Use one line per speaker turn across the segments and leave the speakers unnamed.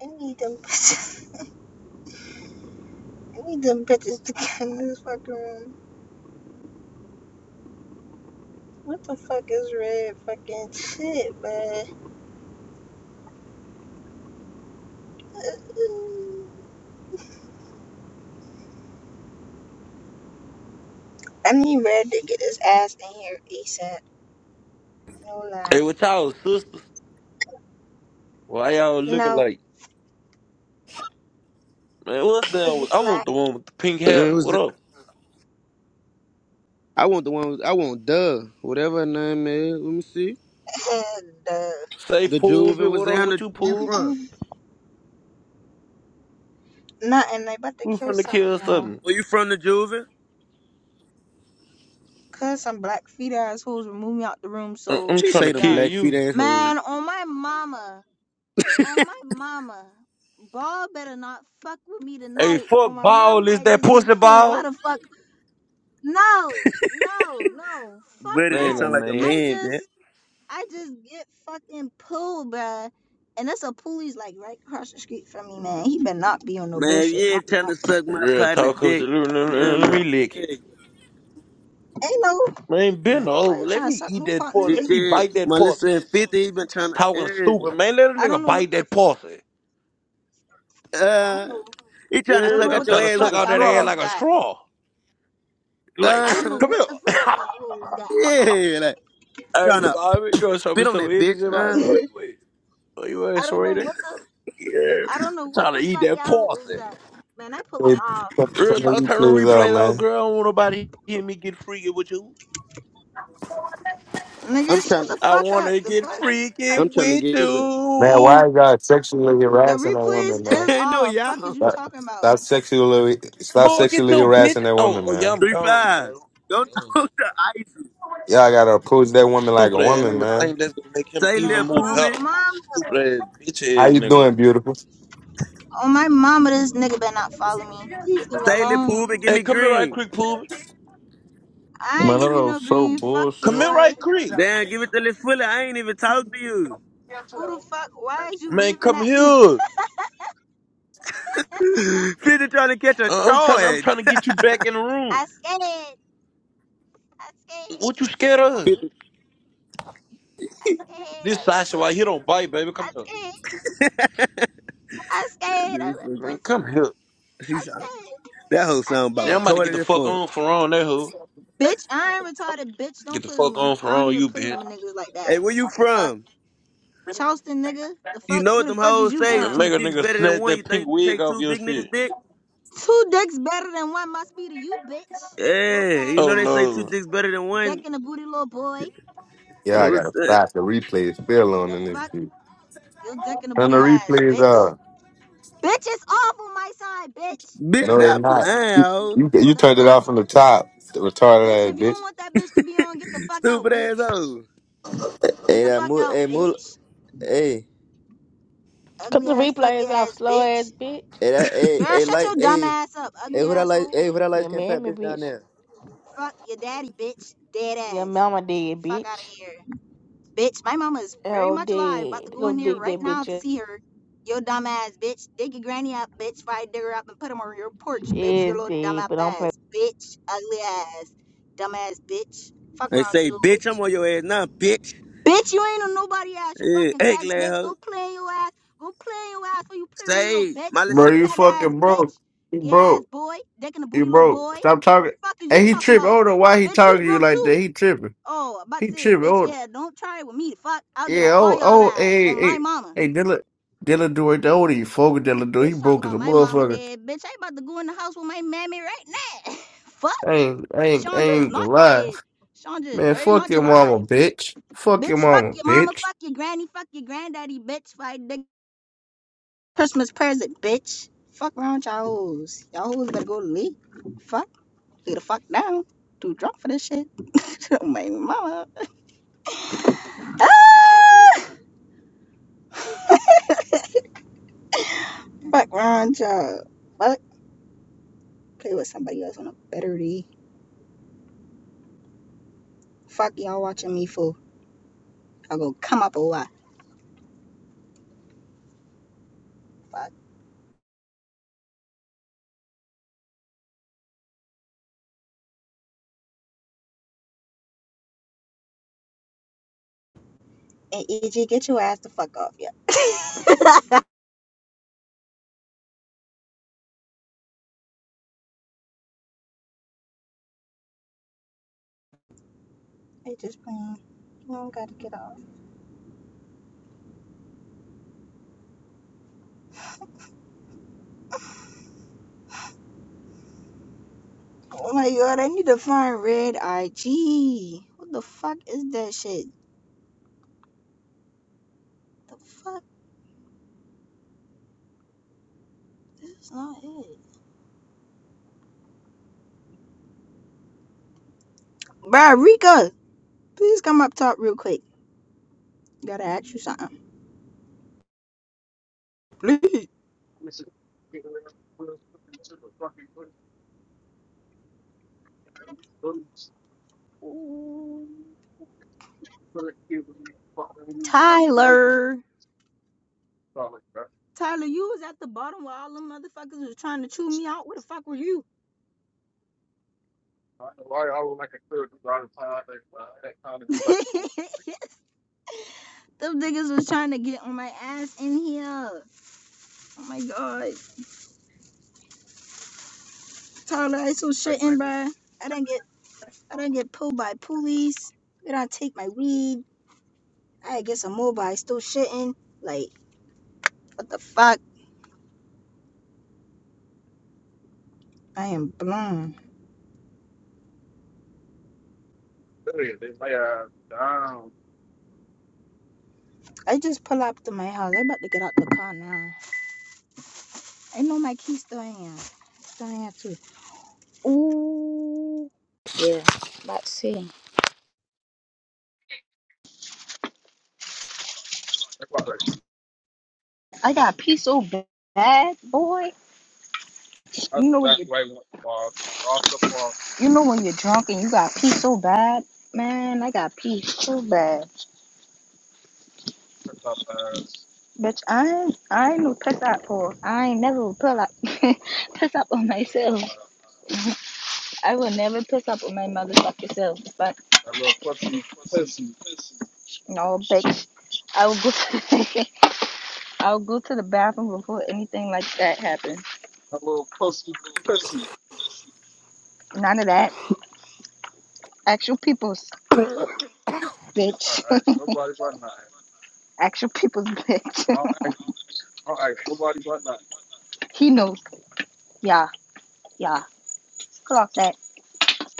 I need them bitches. I need them bitches to get in this fucking room. What the fuck is red fucking shit, man? I need red to get his ass in here ASAP. No
Hey,
lie.
what y'all sisters? Why y'all looking
No,
like? Man, what's that?
cause we
with- I want
black
the one with the pink hair.
it
What
was
up?
I want the one I want Duh, whatever her name is. Let me see.
and uh,
Say
The Juve
Poobie,
was
what up
down
with
the
you,
where you
Poobie?
from?
nothing. They about to
We
kill
finna
something,
kill
y'all.
something.
Where you from the Juve?
Cause some black feet assholes remove me out the room.
I- I'm
So
She
trying to
say them
yeah,
kill
black feet
you.
assholes.
man. On my mama. On my mama. Ball better not fuck with me
Hey,
tonight.
fuck
On my
ball,
mama,
is
I
that
just get
pussy
pulled. Why
ball?
the fuck? No, no, no. Fuck
But that
Man,
that.
no
sound like a
man.
I
man, man.
just, I just get fucking pulled, bruh. And that's a poolie's like right across the street from me, man. He better not be on no
Man, if
bullshit.
you ain't trying to suck my
Real
partner
talk comes to
dick.
let, let-
And
let
a
me lick it.
dick.
Ain't no,
Man, bend
ain't
over.
nobody
Let
trying to
me
suck
eat
no
that
partner
pussy.
Shit,
Let
dick.
me
shit.
bite that
Melissa
pussy.
and 50, he been trying
Talking
to
stupid,
eh.
man. Let a
I don't
nigga
know what
bite
the,
that pussy.
I I don't
uh
know,
he trying to
I
Yeah,
don't know
suck
I'm
out
what
your
the
trying to
ass
suck
with
fuck
a
out
y'all
that ass
straw.
hoes
like a
got.
straw. Like,
I don't know
Uh
come
what
here.
the fuck y'all hoes got.
yeah, like
Hey,
trying to
Bobby, you gonna show
spit
me
on
some
that bitch,
energy, Bobby?
uh.
What you
I
with? What you with,
don't know
Serena?
what the,
Yeah.
I don't know
I'm
what
trying to
the
eat
fuck
that
y'all hoes
parsley.
got. Man, I
Hey,
pulling off.
Real
Send the
talk, turn the
replays out,
replays out,
man.
girl. I don't want nobody hear me get freaky with you.
I'm
Nigga, shut
trying
the
I
fuck
want
up.
to
The
get
fuck.
freaky
I'm trying to
with
get over.
Man, why
you.
you got sexually
The
harassing a woman,
replays
man?
is
Ain't no
off. Fuck
y'all.
is you
Stop,
talking about?
stop sexually, stop
Boy, get
sexually
your bitch.
harassing that
Oh,
woman,
oh yeah,
man.
I'm
Three
gone,
five.
bro.
Go
Mm.
talk to Icy.
Y'all gotta approach that woman like a
Stupid ass
woman,
nigga.
man.
Think that's gonna make him
Say
Man,
Lil
even
on
more
my
Pooh
better.
mom
Stupid ass bitch
How
ass
you
nigga.
doing, beautiful?
on my mama, this nigga better not follow me. Please leave me
Say Lil
alone.
Pooh Give
Hey,
me
come here right
green.
quick, Pooh.
I ain't
Man, that
give you no
was so
green. Fuck you,
Come
bullshit.
here
boy.
right quick.
Damn, give it to Lil Fully. I ain't even talk to you.
Who the fuck? Why is you
Man,
waving
come
at me?
here.
50 trying to catch a
Uh, I'm trying. I'm
charge.
trying to get you back in the room.
I scared. I scared.
What you scared of?
50
I scared
This
of that
Sasha, why he
pussy.
don't bite, baby? Come
I
here.
scared. I scared of
Dude,
that
Man,
pussy.
fuck.
come here.
She
I
sound-
scared.
that whole
I
sound about
Yeah, I'm
scared
about to
of
get
that.
the
retarded as
fuck
fuck.
on for on that hoe.
Bitch, I ain't retarded. Bitch, don't
Get the
play with
fuck
me.
on
I
for
don't
on
even
you,
play with
bitch.
my niggas like
Hey,
that.
where you
Fuck.
from?
Charleston, nigga. The
You
fuck?
know
Where
what
the
them
fuck is
hoes
you
say?
Mm,
from?
Two
Make a
dicks
nigga
better than
snap
one. You
that pink
think you can
wig
take
off
two
your
big niggas
shit.
dick?
Two dicks better than one must be to you, bitch. Little
Yeah, you
faggot
Oh
know they say
ass.
two
no.
dicks better than
Dick
one.
in the booty, little boy.
Yeah,
It
I
was,
gotta
uh,
stop the replays still on
The
in this
fuck?
bitch.
You're dick in the
Turn the
booty ass,
replays
bitch.
off.
Bitch is off on my side, bitch.
bitch,
No, it's
stop
not.
lying,
You,
hoe.
you
The
turned it
fuck?
off from the top, the
Bitch,
retarded
if
ass
you
bitch.
don't want that bitch to be on, get the fuck out,
Stupid ass
bitch.
hoe.
Get
Hey,
the
that
fuck
mul,
out,
hey mul,
bitch.
hey,
Cut
Ugly
the
ass, fugly
replays off,
ass,
slow ass
bitch.
bitch.
hey that, hey,
Girl,
hey
shut
light,
your dumb
hey,
ass up,
hey
ugly
who that light,
asshole.
hey who that light
Your
skin fat
mammy,
bitch down
bitch.
there?
Fuck your daddy, bitch. Dead
Your
ass.
mama dead,
Fuck out of
bitch.
here. Bitch, my mama is very
Hell
much alive. About to
dead.
go
Go
in there
dig
right
that
now to
bitch up.
see her. Yo, dumb ass, bitch. Dig your granny up, bitch. If dig her up and put him on your porch,
She
bitch. Your
Is
little dumb
dead,
up
but don't play.
ass, bitch. Ugly ass, dumb ass, bitch. Fuck
They
around
say,
you,
bitch, I'm
bitch.
on your ass now, bitch.
Bitch, you ain't on nobody ass, you
Yeah,
fucking
egg
faggot,
lay
bitch. Go
hoe.
play your ass. Go play your ass before you play with me, little
Say,
bitch.
Molly
Bro,
Little
you
faggot ass,
fucking broke.
bitch.
You
Gay ass
broke.
boy. Dick in the
You
booty, little
broke.
boy.
Stop talking.
Fuck is you
And he
talking
tripping. I
about?
don't know why he
Bitch, you
talking to you
broke
like
too.
that. He tripping.
Oh, I'm about to
He
say,
tripping.
bitch,
Oh,
yeah, don't try it with me. Fuck, I'll get on
yeah.
all
Oh,
y'all
oh,
ass
hey,
on my
hey,
mama.
hey, Dylan. Dylan do it. Don't you fucking Dylan do. He
Bitch, talk
broke as a
about my mama
motherfucker.
dead. Bitch, I ain't about to go in the house with my mammy right now. fuck,
I ain't, I ain't, I
Chandra is
ain't gonna
not
lie.
dead. Chandra is
Man,
very
fuck
much
your
alive.
mama, bitch. Fuck your
Bitch, fuck
mama,
your mama,
bitch.
fuck your granny, fuck your granddaddy, bitch. Fight the Christmas present, bitch. Fuck around y'all hoes. Y'all hoes better go to sleep. Fuck, lay the fuck down. Too drunk for this shit. my mama. Ah! Fuck around y'all. Fuck. Play with somebody else on a better day. Fuck y'all watching me for. I go come up a lot. Fuck. And EG, get your ass the fuck off, yeah. I just playing. I don't gotta get off. Oh my god, I need to find red IG. What the fuck is that shit? The fuck? This is not it. Bruh, Rika, please come up top real quick. Gotta ask you something. Please.
I
Ooh. Tyler. Tyler, you was at the bottom while all them motherfuckers was trying to chew me out. Where the fuck were you?
would like a clear ground plan that kind of goes back and forth.
Them niggas was trying to get on my ass in here. Oh my god. Tyler, I so
I
shitting,
mean,
bruh. I don't get I don't get pulled by police. They don't take my weed. I get some more, but I still shitting. Like, what the fuck? I am blown.
they lay her down.
I just pull up to my house. I'm about to get out the car now. I know my key's still in here. It's Still in here too. Ooh. Yeah, let's see.
That's
I got pee so bad, boy. You know when you
exactly why I want to fall. Off the floor,
You know when you're drunk and you got pee so bad, man. I got pee so bad,
puts up ass,
bitch. I ain't, I ain't no piss up for. I ain't never pull up, piss up on
puts up
myself.
ass.
I will never piss up on my motherfucking self. But
That little pussy, pussy,
no, bitch. I will go. I will go to the bathroom before anything like that happens.
that little pussy, pussy.
None of that. Actual people's
All
bitch.
right, nobody but nine.
Actual people's bitch.
I'll act, I'll act, nobody but nine.
he knows. Yeah, yeah. Clock that,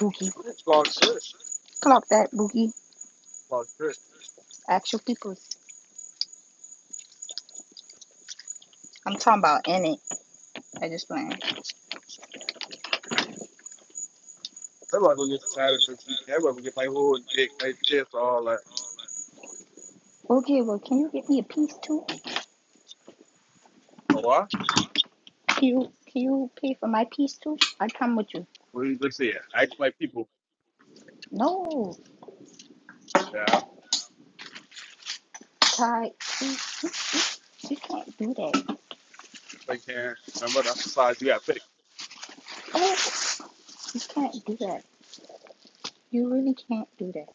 boogie.
Fuck shit.
Clock that, boogie.
Fuck I'm
Actual people's. I'm talking about in it. I just learned.
not gonna get tired of this. That mother gonna get my whole dick, my chest, all that.
Okay, well, can you get me a piece too?
Oh, what?
Can you can you pay for my piece too? I come with you.
Well, you- Let's see. Act like people.
No,
Yeah,
Ty, you, you can't do that.
if they can. Remember, that's the size you gotta pick.
Oh, you can't do that. You really can't do that.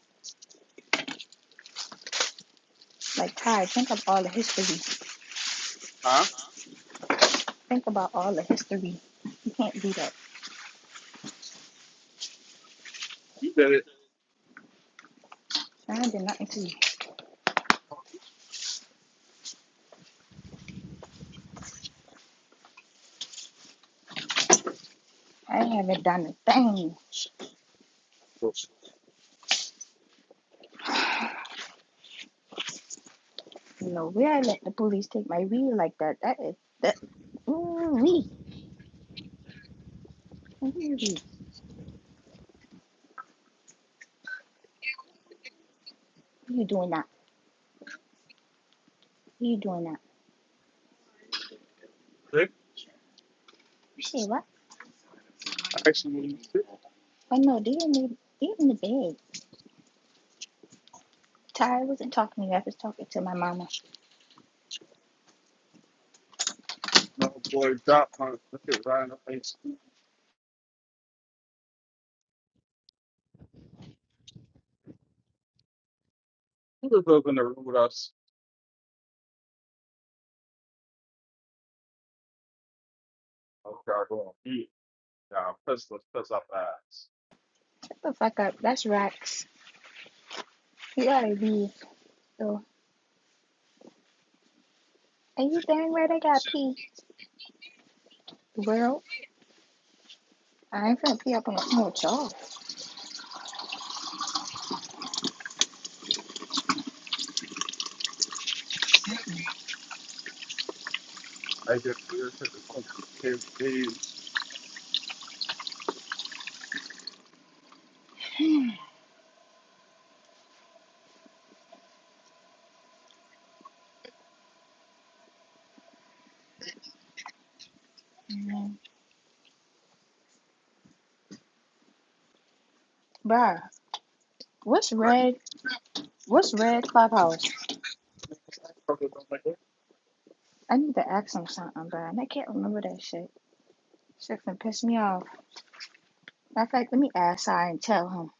Like Ty, think of all the history.
Huh?
Think about all the history. You can't do that.
You did it.
I did nothing to you. I haven't done a thing.
Well,
You know where I let the police take my weed like that. That is that. Ooh wee. Ooh You doing that? You doing that?
shit.
You say what?
Actually, when you sit,
I know they in the they in the bed. Ty, wasn't talking to you. I was talking to my mama.
no boy, dot, on. Look at right in the face. Who the fuck in the room with us? Oh, God, go on. Yeah, nah, piss, let's piss up the ass.
Shut the fuck up. That's Rex. You gotta leave. So, are you dang right? I got
Shit.
pee. Well, I ain't finna pee up on the floor with y'all.
I get weird. I get weird.
Mm, Bruh, what's
I
red? What's red clubhouse?
fucking don't like it.
I need to ask him something, bruh, and I can't remember that shit. Shit can piss me off. Matter of fact, let me ask I and tell him.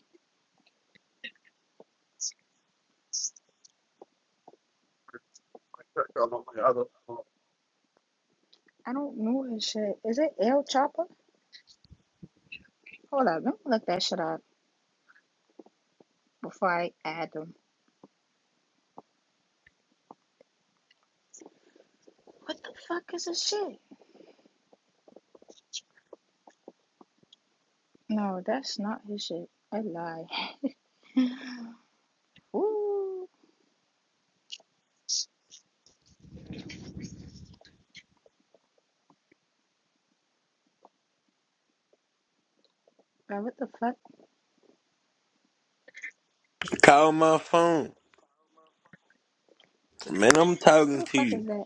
I crack on my other.
I don't know his shit. Is it El Chopper? Hold up, let me look that shit up before I add them. What the fuck is this shit? No, that's not his shit. I lie. Ooh, now what the fuck?
Call my phone. Man, I'm
Who
talking
the
to
fuck
you.
is that?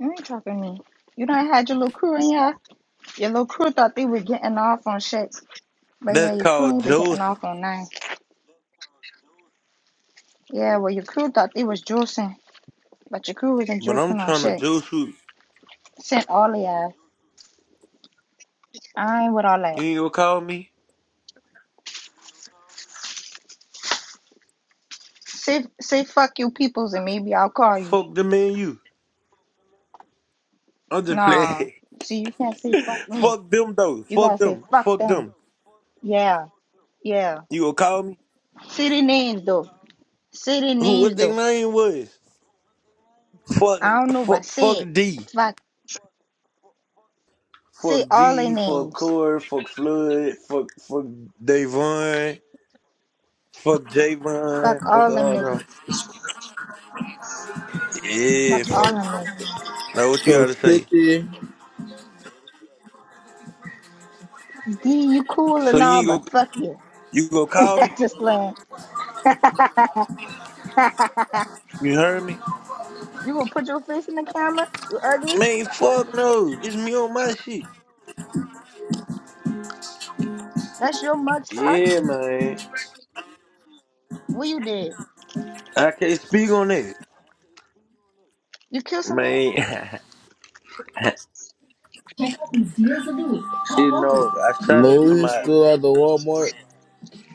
You ain't talking to me. You done had your little crew in here. Your little crew thought they was getting off on shit. But yeah,
That's
your crew
called
ain't been getting
Joseph.
off on nine. Yeah, well, your crew thought they was juicing. But your crew wasn't
But I'm
juicing on
trying to
shit.
juice you.
Sent all the ass. I ain't with all that.
You ain't gonna call me?
Say, say fuck you peoples and maybe I'll call you.
Fuck them and you. I'm just
Nah.
playing.
See, you can't say fuck me.
Fuck them though.
You
Fuck
gotta say
them.
fuck
Fuck
them.
them.
Yeah, yeah.
You gonna call me?
City names, though. Say their
Who
names
what their
though.
name was? Fuck
I don't know, but
fuck
say
fuck
it.
D.
Fuck. Say
Fuck
all their
D, fuck
names.
Core, fuck Floyd, fuck fuck Davon, fuck Javon,
Fuck
fuck
all them
all them.
niggas.
Yeah,
Fuck all
fuck
them
them.
niggas.
Now what you
So
gotta say?
50
D, you cool
So
and
you
all,
ain't go
but fuck you.
you go call me?
Just playing. you
You heard me?
gonna put your face in the camera? You ugly?
Man, fuck no. It's me on my shit.
That's your mugshot?
Yeah, man.
What you did?
I can't speak on that.
You kill somebody?
Man,
Check out these deals of the week at
shit no.
Walgreens.
I shot at
No, he's
somebody.
still at the Walmart.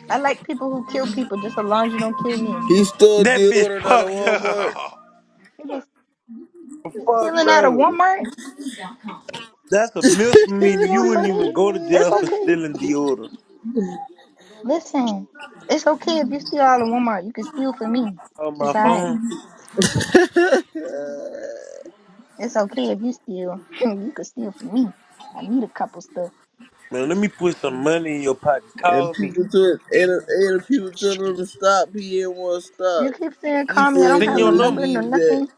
I like people who kill people just as long as you don't kill me.
He's still
That bitch
deodorant at a
fucked
Walmart.
up.
They been, they been
Fuck
stealing out of
no.
Walmart.
That's a
They
misdemeanor. You
steal for
wouldn't
me.
even go to
It's
jail for
okay.
stealing deodorant.
Listen, it's okay if you steal out of Walmart. You can steal from me.
on my
It's all right.
phone.
It's okay if you steal. you can steal from me. I need a couple stuff.
Man, let me put some money in your pocket.
and
Call me.
people took and, and people telling him to stop. He didn't want to
You
stop.
keep saying
He
call me. I don't
said
Send
have
no,
no
your
he
number,
number.
no
needs
nothing.
that.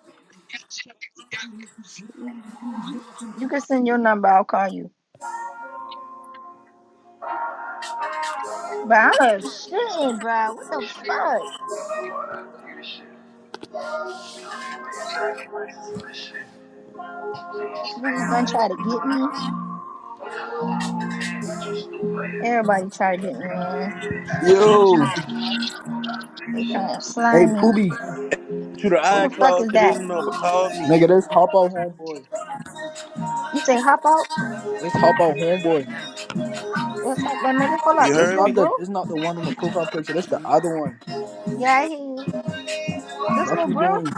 You can send your number. I'll call you. But I'm shitting, bro. What the fuck? Police don't try to get me. Everybody try to get me, man.
Yo,
They trying to
hey
slime me.
Poobie,
To the
Who the fuck
iCloud
is
to this
that?
number. Call me.
nigga, this hop out homeboy.
You say hop out?
This hop out homeboy.
What's up, little nigga? Hold up.
You
This
This
heard
little
not
me?
the
bro?
this not the one on the profile picture. This the other one.
Yeah, I hear you. This
Fuck
little
you
bro?
doing?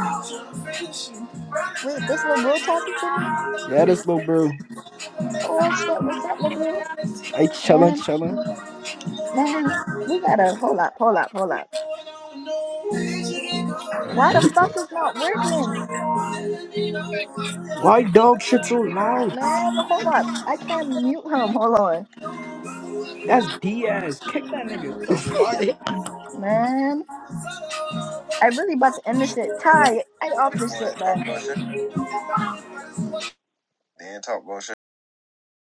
Wait, this little bro talking to me?
Yeah, this little bro.
Oh shit, what's up, Labru?
I chillin',
Man,
chillin'.
man, we gotta hold up, hold up, hold up. Why the fuck is not working?
Why dog shit so loud?
Man, hold up. I can't mute him. Hold on.
That's Diaz. Kick that nigga.
Man. I really about to end this shit. Ty, I off this shit, bye.